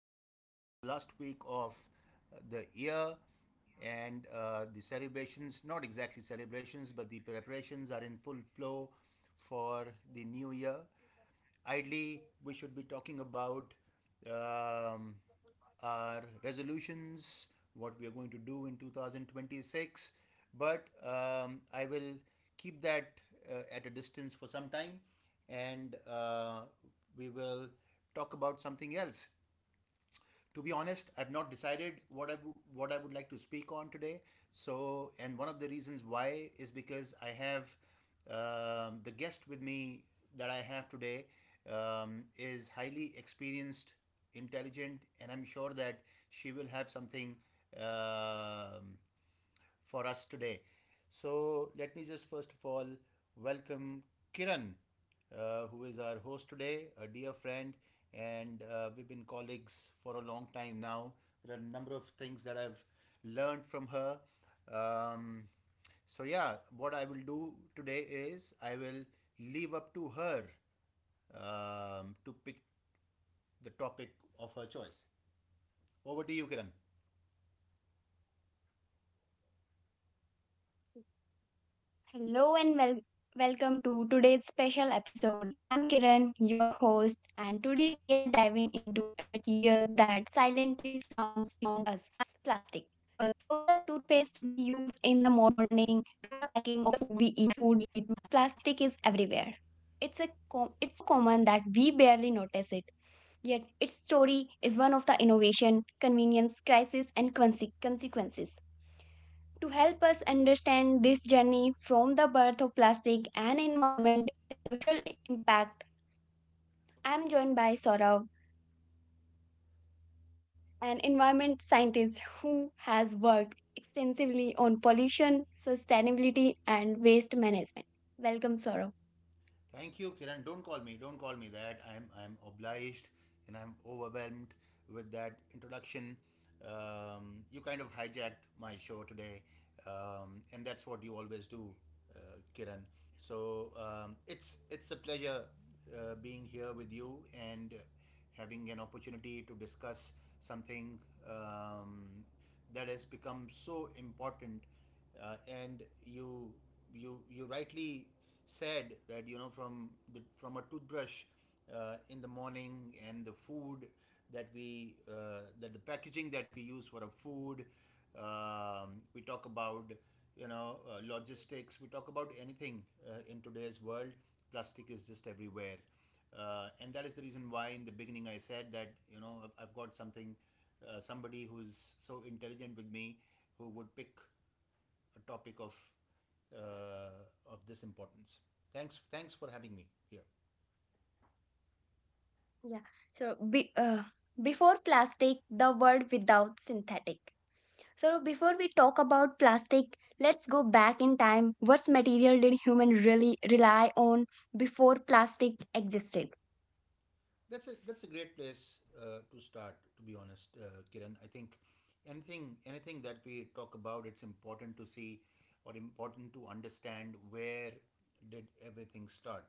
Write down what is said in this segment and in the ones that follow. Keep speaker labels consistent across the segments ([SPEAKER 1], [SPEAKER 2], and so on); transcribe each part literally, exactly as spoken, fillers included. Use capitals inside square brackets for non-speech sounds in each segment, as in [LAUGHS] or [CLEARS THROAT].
[SPEAKER 1] this is the last week of uh, the year, and uh, the celebrations, not exactly celebrations, but the preparations are in full flow for the new year. Ideally, we should be talking about um, our resolutions, what we are going to do in two thousand twenty-six. But um, I will keep that uh, at a distance for some time and uh, we will talk about something else. To be honest, I've not decided what I w- what I would like to speak on today. So, and one of the reasons why is because I have, um, the guest with me that I have today, um, is highly experienced, intelligent, and I'm sure that she will have something, um, for us today. So, let me just first of all welcome Kiran, uh, who is our host today, a dear friend, and uh, we've been colleagues for a long time now. There are a number of things that I've learned from her. Um, so, yeah, what I will do today is I will leave up to her, um, to pick the topic of her choice. Over to you, Kiran.
[SPEAKER 2] Hello and wel- welcome to today's special episode. I'm Kiran, your host, and today we are diving into a material that silently surrounds us: plastic. From the toothpaste we use in the morning to the packing of the food we eat, plastic is everywhere. It's, a com- it's so common that we barely notice it. Yet, its story is one of the innovation, convenience, crisis, and conse- consequences. To help us understand this journey from the birth of plastic and environment, a social impact, I'm joined by Saurav, an environment scientist who has worked extensively on pollution, sustainability, and waste management. Welcome, Saurav.
[SPEAKER 1] Thank you, Kiran. Don't call me. Don't call me that. I'm I'm obliged and I'm overwhelmed with that introduction. Um, you kind of hijacked my show today, um, and that's what you always do, uh, Kiran. So um, it's it's a pleasure uh, being here with you and having an opportunity to discuss something, um, that has become so important, uh, and you you you rightly said that you know from the from a toothbrush uh, in the morning, and the food that we uh, that the packaging that we use for our food. Um, we talk about, you know uh, logistics, we talk about anything uh, in today's world. Plastic is just everywhere, uh, and that is the reason why in the beginning I said that you know i've, I've got something, uh, somebody who's so intelligent with me, who would pick a topic of uh, of this importance. Thanks, thanks for having me here.
[SPEAKER 2] Yeah, so be, uh, before plastic, the world without synthetic. So before we talk about plastic, let's go back in time. What material did human really rely on before plastic existed?
[SPEAKER 1] That's a that's a great place uh, to start. To be honest, uh, Kiran, I think anything anything that we talk about, it's important to see, or important to understand where did everything start.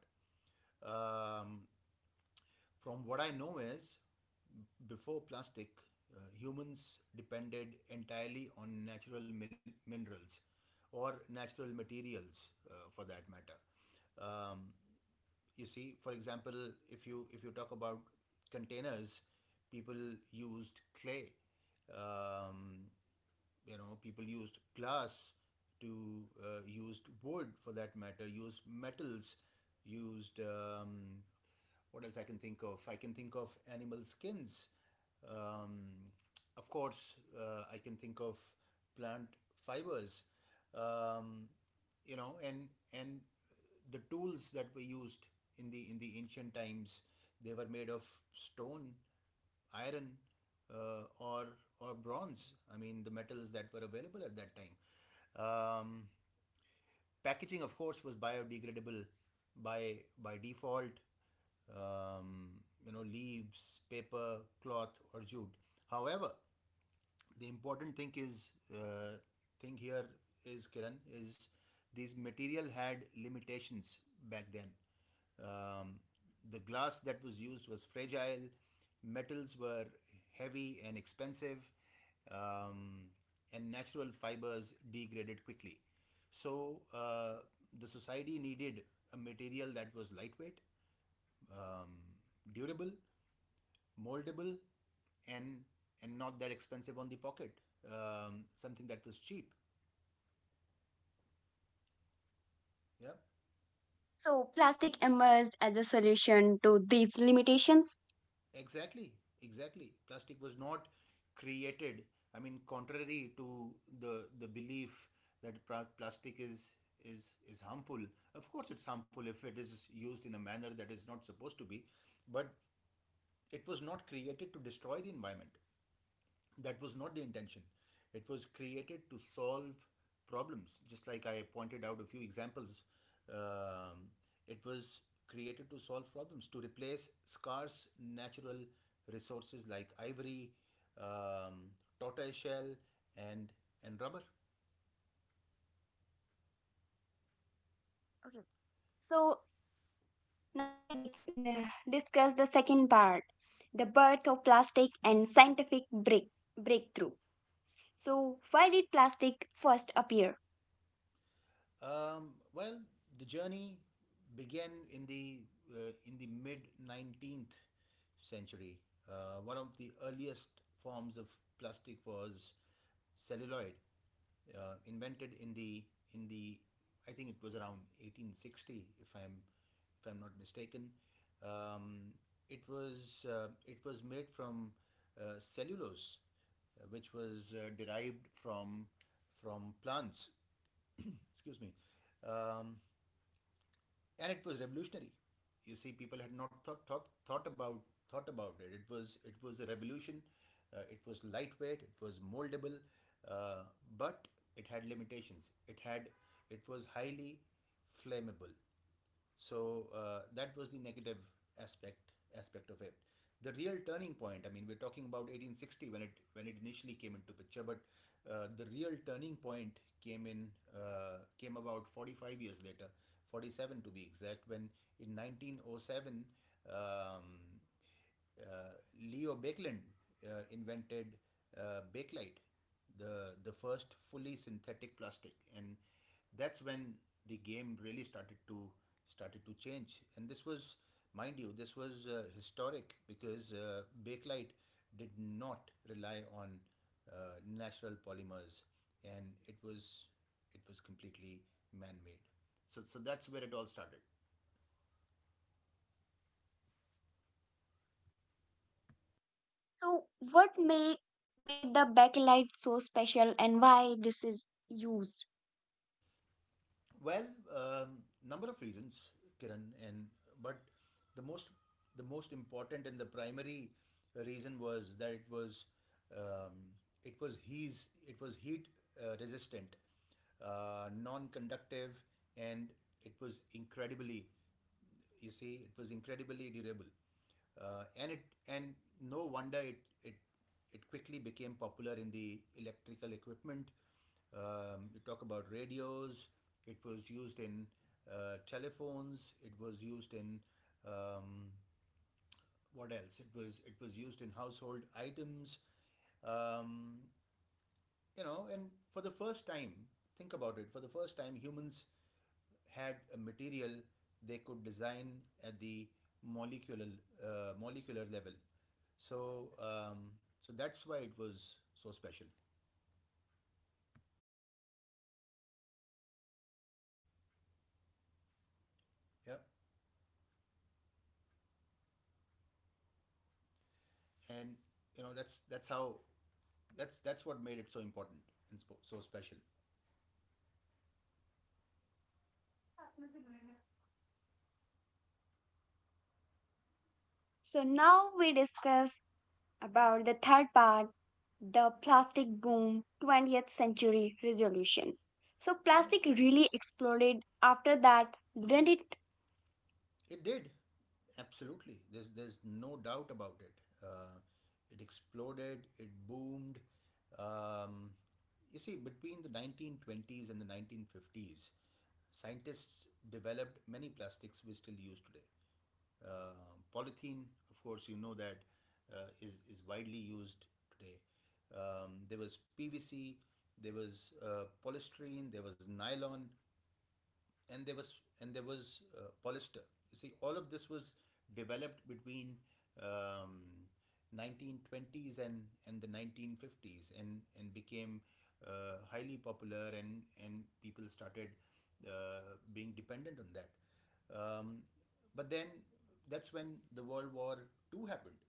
[SPEAKER 1] Um, from what I know is before plastic, uh, humans depended entirely on natural mil- minerals, or natural materials, uh, for that matter. Um, you see, for example, if you if you talk about containers, people used clay. Um, you know, people used glass, to uh, used wood for that matter, used metals, used, um, what else I can think of? I can think of animal skins. Um, of course, uh, I can think of plant fibers. Um, you know, and and the tools that were used in the in the ancient times, they were made of stone, iron, uh, or or bronze. I mean, the metals that were available at that time. Um, packaging of course was biodegradable by by default. Um, you know, leaves, paper, cloth, or jute. However, the important thing is uh, thing here is, Kiran, is these material had limitations back then. Um, the glass that was used was fragile, metals were heavy and expensive, um, and natural fibers degraded quickly. So uh, the society needed a material that was lightweight, um, durable, moldable, and and not that expensive on the pocket. Um, something that was cheap. Yeah.
[SPEAKER 2] So, plastic emerged as a solution to these limitations.
[SPEAKER 1] Exactly, exactly. Plastic was not created. I mean, contrary to the the belief that pra- plastic is is is harmful. Of course, it's harmful if it is used in a manner that is not supposed to be, but it was not created to destroy the environment. That was not the intention. It was created to solve problems, just like I pointed out a few examples. Um, it was created to solve problems, to replace scarce natural resources like ivory, um, tortoise shell, and and rubber.
[SPEAKER 2] Okay. So, now we dic- uh, discuss the second part, the birth of plastic and scientific break- breakthrough. So, why did plastic first appear?
[SPEAKER 1] Um, well, the journey began in the uh, in the mid nineteenth century. Uh, one of the earliest forms of plastic was celluloid, uh, invented in the in the I think it was around eighteen sixty, if I'm if I'm not mistaken. Um, it was uh, it was made from uh, cellulose, uh, which was uh, derived from from plants. [CLEARS THROAT] Excuse me, um, and it was revolutionary. You see, people had not thought thought, thought about thought about it. It was it was a revolution. Uh, it was lightweight. It was moldable, uh, but it had limitations. It had it was highly flammable, so uh, that was the negative aspect aspect of it. The real turning point, I mean, we're talking about eighteen sixty when it when it initially came into picture. But uh, the real turning point came in, uh, came about forty-five years later, forty-seven to be exact, when in nineteen oh seven, um, uh, Leo Bakelin uh, invented uh, Bakelite, the the first fully synthetic plastic, and that's when the game really started to started to change. And this was, mind you, this was uh, historic, because uh, Bakelite did not rely on uh, natural polymers, and it was it was completely man-made. So so that's where it all started.
[SPEAKER 2] So, what make, made the bakelite so special and why this is used?
[SPEAKER 1] Well, um, number of reasons, Kiran, and but the most the most important and the primary reason was that it was, um, it was he's it was heat uh, resistant, uh, non-conductive, and it was incredibly, you see it was incredibly durable, uh, and it and no wonder it it it quickly became popular in the electrical equipment. Um, you talk about radios. It was used in uh, telephones. It was used in, um, what else? It was it was used in household items. Um, you know, and for the first time, think about it. For the first time, humans had a material they could design at the molecular uh, molecular level. So um, so that's why it was so special. Yeah, and you know that's that's how that's that's what made it so important and spo- so special.
[SPEAKER 2] So, now we discuss about the third part, the plastic boom twentieth century resolution. So,
[SPEAKER 1] Sure.
[SPEAKER 2] plastic really exploded after that, didn't it?
[SPEAKER 1] It did, absolutely. There's there's no doubt about it. Uh, it exploded. It boomed. Um, you see, between the nineteen twenties and the nineteen fifties, scientists developed many plastics we still use today. Uh, polythene, of course, you know that uh, is is widely used today. Um, there was P V C, there was uh, polystyrene, there was nylon, and there was and there was uh, polyester. You see, all of this was developed between, um, nineteen twenties and and the nineteen fifties, and and became uh, highly popular, and and people started uh, being dependent on that. Um, but then that's when the World War Two happened,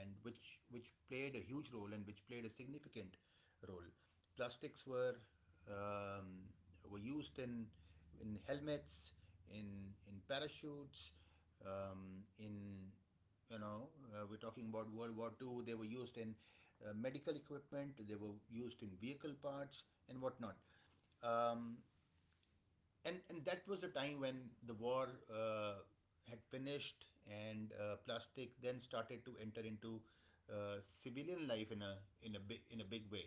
[SPEAKER 1] and which which played a huge role and which played a significant role. Plastics were, um, were used in in helmets, in in parachutes, um, in, you know uh, we're talking about World War Two. They were used in uh, medical equipment. They were used in vehicle parts and whatnot. Um, and and that was a time when the war, uh, had finished, and uh, plastic then started to enter into uh, civilian life in a in a big in a big way.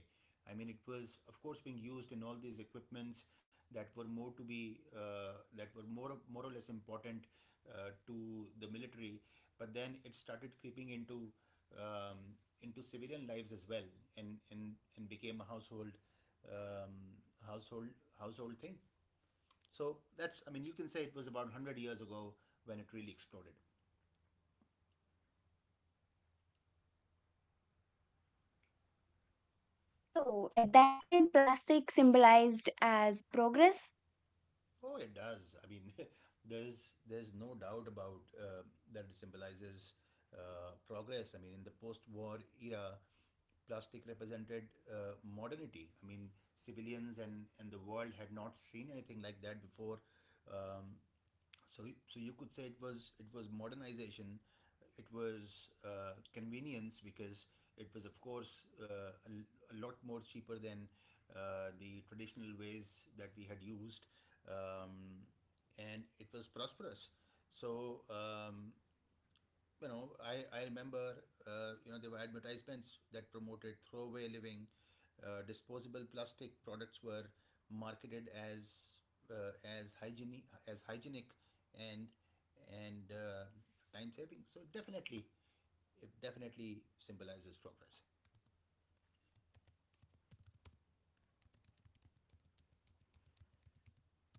[SPEAKER 1] I mean, it was of course being used in all these equipments that were more to be, uh, that were more more or less important, uh, to the military. But then it started creeping into, um, into civilian lives as well, and and and became a household, um, household household thing. So that's, I mean, you can say it was about one hundred years ago when it really exploded.
[SPEAKER 2] So, at that time, plastic symbolized as progress.
[SPEAKER 1] Oh, it does. I mean, [LAUGHS] there's there's no doubt about uh, that it symbolizes uh, progress. I mean, in the post-war era, plastic represented uh, modernity. I mean, civilians and and the world had not seen anything like that before. Um, so so you could say it was it was modernization, it was uh, convenience, because it was of course uh, a, a lot more cheaper than uh, the traditional ways that we had used, um, and it was prosperous. So um, you know, I, I remember, uh, you know, there were advertisements that promoted throwaway living. Uh, disposable plastic products were marketed as uh, as hygienic as hygienic and and uh, time saving. So definitely, it definitely symbolizes progress,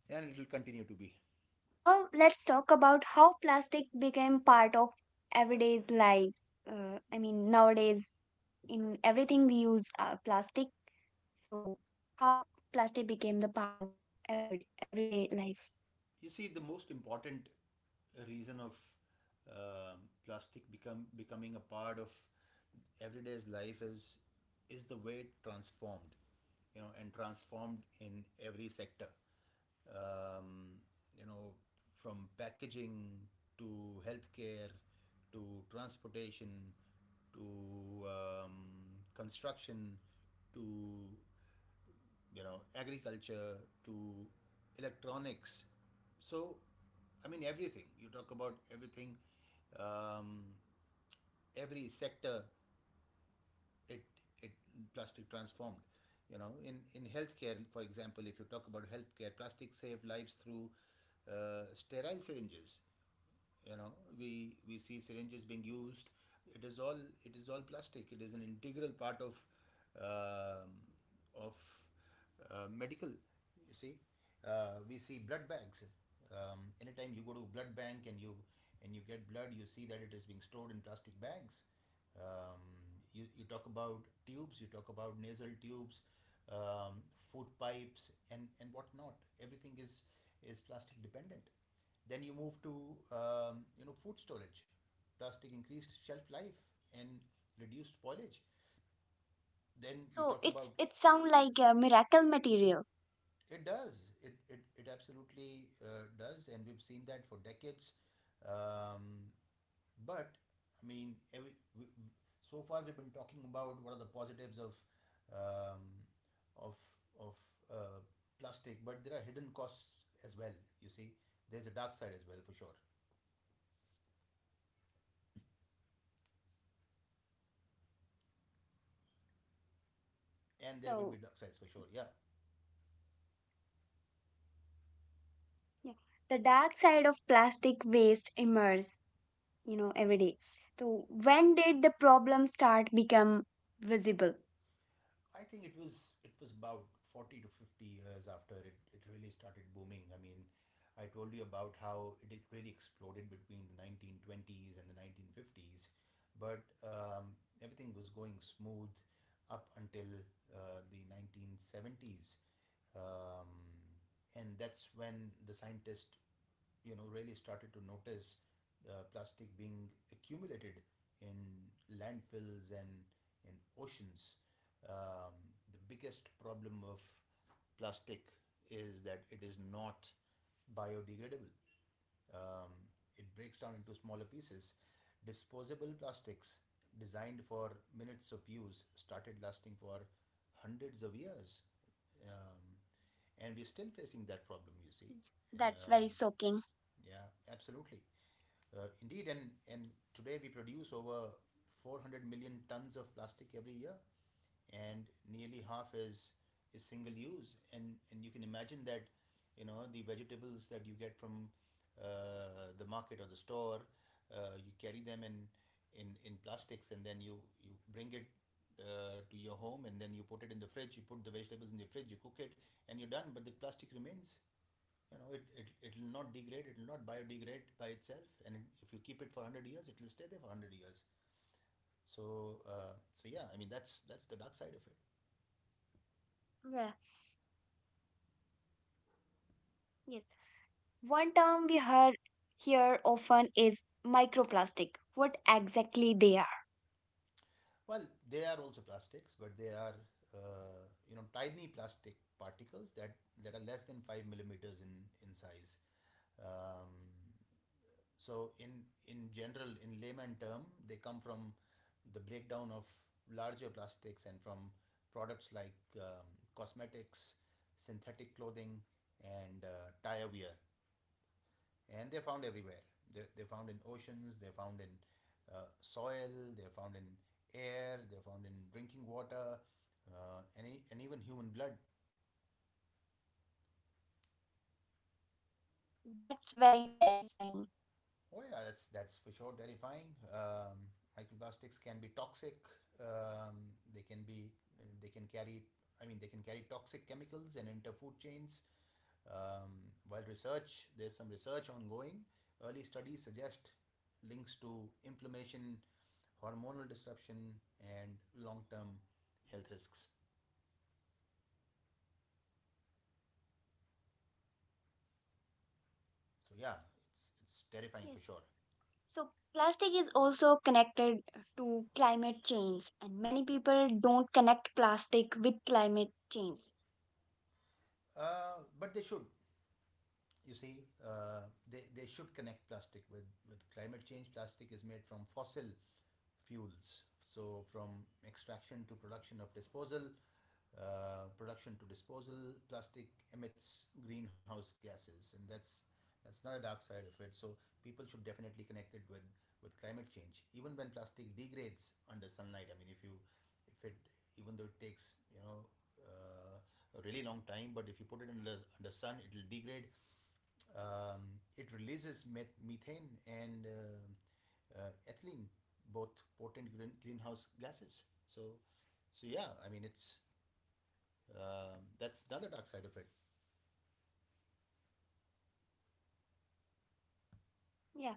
[SPEAKER 1] and it will continue to
[SPEAKER 2] Yeah.
[SPEAKER 1] be.
[SPEAKER 2] So, now let's talk about how plastic became part of everyday's life. Uh, I mean, nowadays, in everything we use uh, plastic. So, how plastic became the part of e- everyday life.
[SPEAKER 1] You see, the most important reason of um plastic become becoming a part of everyday's life is is the way it transformed, you know, and transformed in every sector. Um, you know, from packaging to healthcare to transportation to um, construction to you know agriculture to electronics. So I mean everything, you talk about everything, um, every sector, it it plastic transformed. you know in in healthcare, for example, if you talk about healthcare, plastic saved lives through uh, sterile syringes. you know we we see syringes being used. It is all it is all plastic. It is an integral part of um of uh, medical, you see. Uh, we see blood bags. Um, anytime you go to a blood bank and you and you get blood, you see that it is being stored in plastic bags. Um, you, you talk about tubes, you talk about nasal tubes, um, food pipes, and and whatnot. Everything is is plastic dependent. Then you move to um, you know food storage. Plastic increased shelf life and reduced spoilage. Then you
[SPEAKER 2] So
[SPEAKER 1] talk
[SPEAKER 2] it's,
[SPEAKER 1] about.
[SPEAKER 2] it sound like a miracle material.
[SPEAKER 1] It does. It it, it absolutely uh, does, and we've seen that for decades. Um, but I mean, every, w- so far we've been talking about what are the positives of um, of of uh, plastic, but there are hidden costs as well. You see, there's a dark side as well for sure, and there will be dark sides for
[SPEAKER 2] So
[SPEAKER 1] sure. Yeah,
[SPEAKER 2] yeah, the dark side of plastic waste emerges, you know, every day. So when did the problem start become visible?
[SPEAKER 1] I think it was it was about forty to fifty years after it, it really started booming. I mean, I told you about how it really exploded between the nineteen twenties and the nineteen fifties, but um, everything was going smooth up until uh, the nineteen seventies, um, and that's when the scientists you know really started to notice uh, plastic being accumulated in landfills and in oceans. Um, the biggest problem of plastic is that it is not biodegradable. Um, it breaks down into smaller pieces. Disposable plastics designed for minutes of use started lasting for hundreds of years. Um, and we're still facing that problem, you see. Um,
[SPEAKER 2] That's very shocking.
[SPEAKER 1] yeah, absolutely. Uh, indeed, and, and today we produce over four hundred million tons of plastic every year, and nearly half is, is single use. And, and you can imagine that you know the vegetables that you get from uh, the market or the store, uh, you carry them in, in, in plastics, and then you, you bring it uh, to your home, and then you put it in the fridge, you put the vegetables in the fridge, you cook it, and you're done, but the plastic remains. You know it, it it will not degrade, it will not biodegrade by itself. And if you keep it for one hundred years, it will stay there for one hundred years. So uh, so yeah, I mean, that's that's the dark side of it.
[SPEAKER 2] Yeah. Yes. One term we heard here often is microplastic. What exactly they are?
[SPEAKER 1] Well, they are also plastics, but they are uh, you know tiny plastic particles that that are less than five millimeters in in size. um, So in in general, in layman term, they come from the breakdown of larger plastics and from products like um, cosmetics, synthetic clothing, and uh, tire wear. And they're found everywhere. They're, they're found in oceans. They're found in uh, soil. They're found in air. They're found in drinking water, uh, and, e- and even human blood.
[SPEAKER 2] That's very terrifying.
[SPEAKER 1] Oh yeah, that's that's for sure terrifying. Um, microplastics can be toxic. Um, they can be they can carry. I mean, they can carry toxic chemicals and enter food chains. Um, while research, there's some research ongoing. Early studies suggest links to inflammation, hormonal disruption, and long-term health risks. So yeah, it's it's terrifying for
[SPEAKER 2] Yes.
[SPEAKER 1] sure.
[SPEAKER 2] So, plastic is also connected to climate change, and many people don't connect plastic with climate change.
[SPEAKER 1] Uh, but they should, you see, uh, they, they should connect plastic with, with climate change. Plastic is made from fossil fuels. So, from extraction to production of disposal, uh, production to disposal, plastic emits greenhouse gases, and that's that's not a dark side of it. So, people should definitely connect it with with climate change. Even when plastic degrades under sunlight, I mean, if you if it, even though it takes you know uh, a really long time, but if you put it in the under sun, it will degrade. Um, it releases meth- methane and uh, uh, ethylene, both potent green- greenhouse gases. So, so yeah, I mean, it's um, that's another dark side of it.
[SPEAKER 2] Yeah,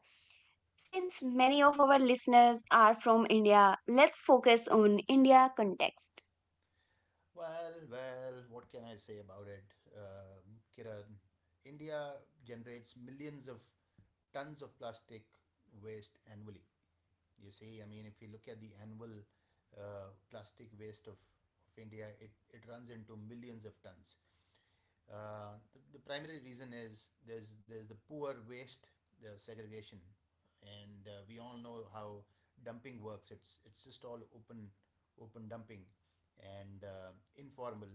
[SPEAKER 2] since many of our listeners are from India, let's focus on India context.
[SPEAKER 1] Well, well, what can I say about it, um, Kiran? India generates millions of tons of plastic waste annually. You see, I mean, if you look at the annual uh, plastic waste of, of India, it, it runs into millions of tons. Uh, the, the primary reason is there's there's the poor waste, the segregation, and uh, we all know how dumping works. It's it's just all open open dumping, and uh, informal,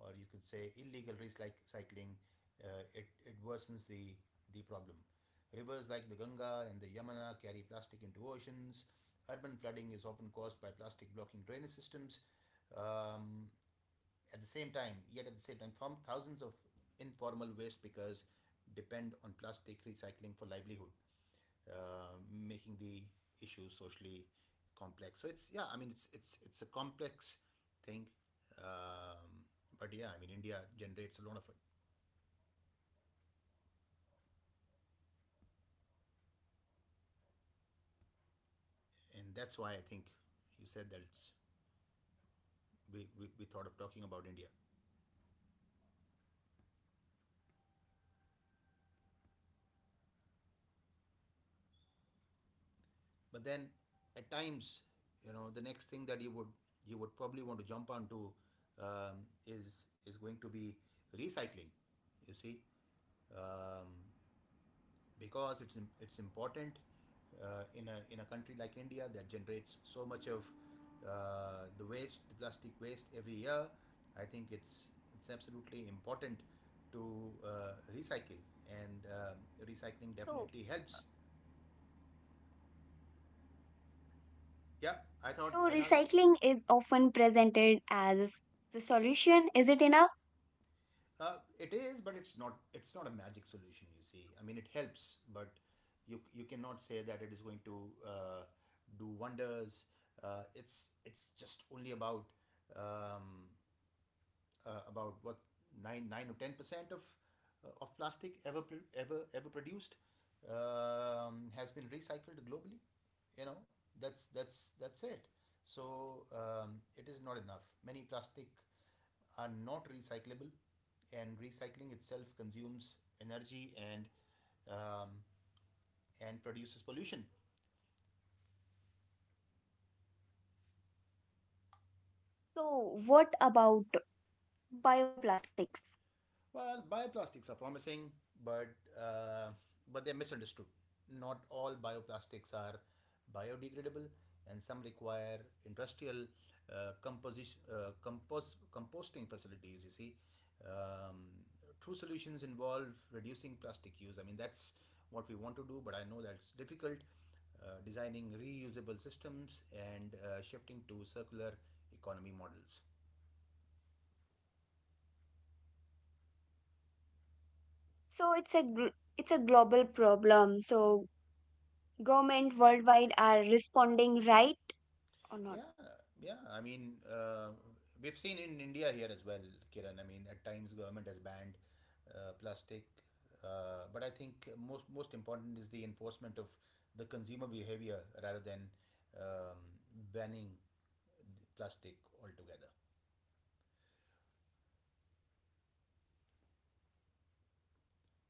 [SPEAKER 1] or you could say illegal recycling. Uh, it it worsens the the problem. Rivers like the Ganga and the Yamuna carry plastic into oceans. Urban flooding is often caused by plastic blocking drainage systems. Um, at the same time yet at the same time, thom- thousands of informal waste pickers depend on plastic recycling for livelihood, uh, making the issue socially complex. So it's yeah, I mean, it's it's it's a complex thing. um, but yeah, I mean, India generates a lot of it, and that's why I think you said that it's we, we, we thought of talking about India. But then, at times, you know the next thing that you would you would probably want to jump onto, um, is is going to be recycling, you see. um, because it's it's important uh, in a in a country like India that generates so much of uh, the waste the plastic waste every year. I think it's it's absolutely important to uh, recycle, and um
[SPEAKER 2] So,
[SPEAKER 1] recycling definitely helps. Yeah. I
[SPEAKER 2] so
[SPEAKER 1] thought I thought
[SPEAKER 2] recycling is often presented as the solution. Is it enough?
[SPEAKER 1] Uh, it is, but it's not. It's not a magic solution. You see, I mean, it helps, but you you cannot say that it is going to uh, do wonders. Uh, it's it's just only about um, uh, about what nine nine or ten percent of uh, of plastic ever ever ever produced um, has been recycled globally. You know, that's that's that's it. So um, it is not enough. Many plastic are not recyclable, and recycling itself consumes energy and um, and produces pollution.
[SPEAKER 2] So, what about bioplastics?
[SPEAKER 1] Well, bioplastics are promising, but uh, but they're misunderstood. Not all bioplastics are biodegradable, and some require industrial uh, composition uh, compos- composting facilities. You see, um, true solutions involve reducing plastic use. I mean, that's what we want to do, but I know that's difficult. Uh, designing reusable systems, and uh, shifting to circular economy models.
[SPEAKER 2] So, it's a gl- it's a global problem. So, government worldwide are responding, right or not?
[SPEAKER 1] Yeah, yeah. I mean, uh, we've seen in India here as well, Kiran. I mean, at times government has banned uh, plastic, uh, but I think most most important is the enforcement of the consumer behavior rather than um, banning the plastic altogether.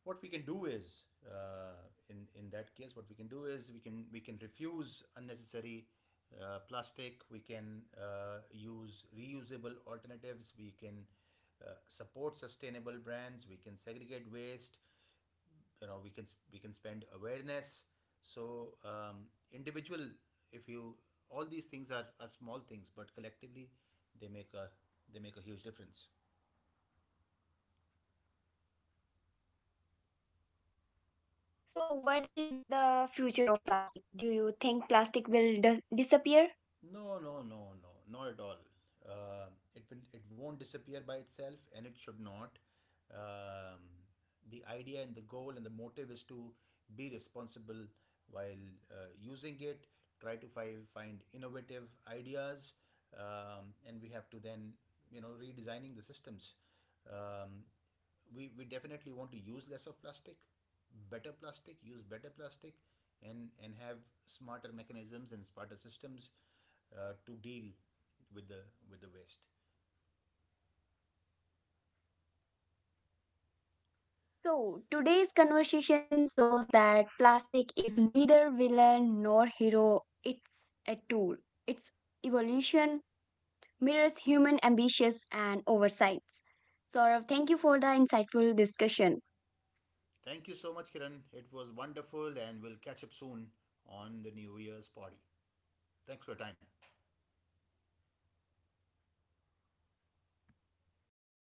[SPEAKER 1] What we can do is uh, in in that case, what we can do is we can we can refuse unnecessary uh, plastic, we can uh, use reusable alternatives, we can uh, support sustainable brands, we can segregate waste. You know we can we can spend awareness. So um, individual, if you all these things are, are small things, but collectively, they make a they make a huge difference.
[SPEAKER 2] So, what is the future of plastic? Do you think plastic will dis- disappear?
[SPEAKER 1] No, no, no, no, not at all. Uh, it will, it won't disappear by itself, and it should not. Um, the idea and the goal and the motive is to be responsible while uh, using it. Try to find find innovative ideas, um, and we have to then you know redesigning the systems. Um, we we definitely want to use less of plastic, better plastic, use better plastic, and and have smarter mechanisms and smarter systems uh, to deal with the with the waste.
[SPEAKER 2] So, today's conversation shows that plastic is neither villain nor hero. It's a tool. Its evolution mirrors human ambitions and oversights. Saurav, thank you for the insightful discussion.
[SPEAKER 1] Thank you so much, Kiran. It was wonderful, and we'll catch up soon on the New Year's party. Thanks for your time.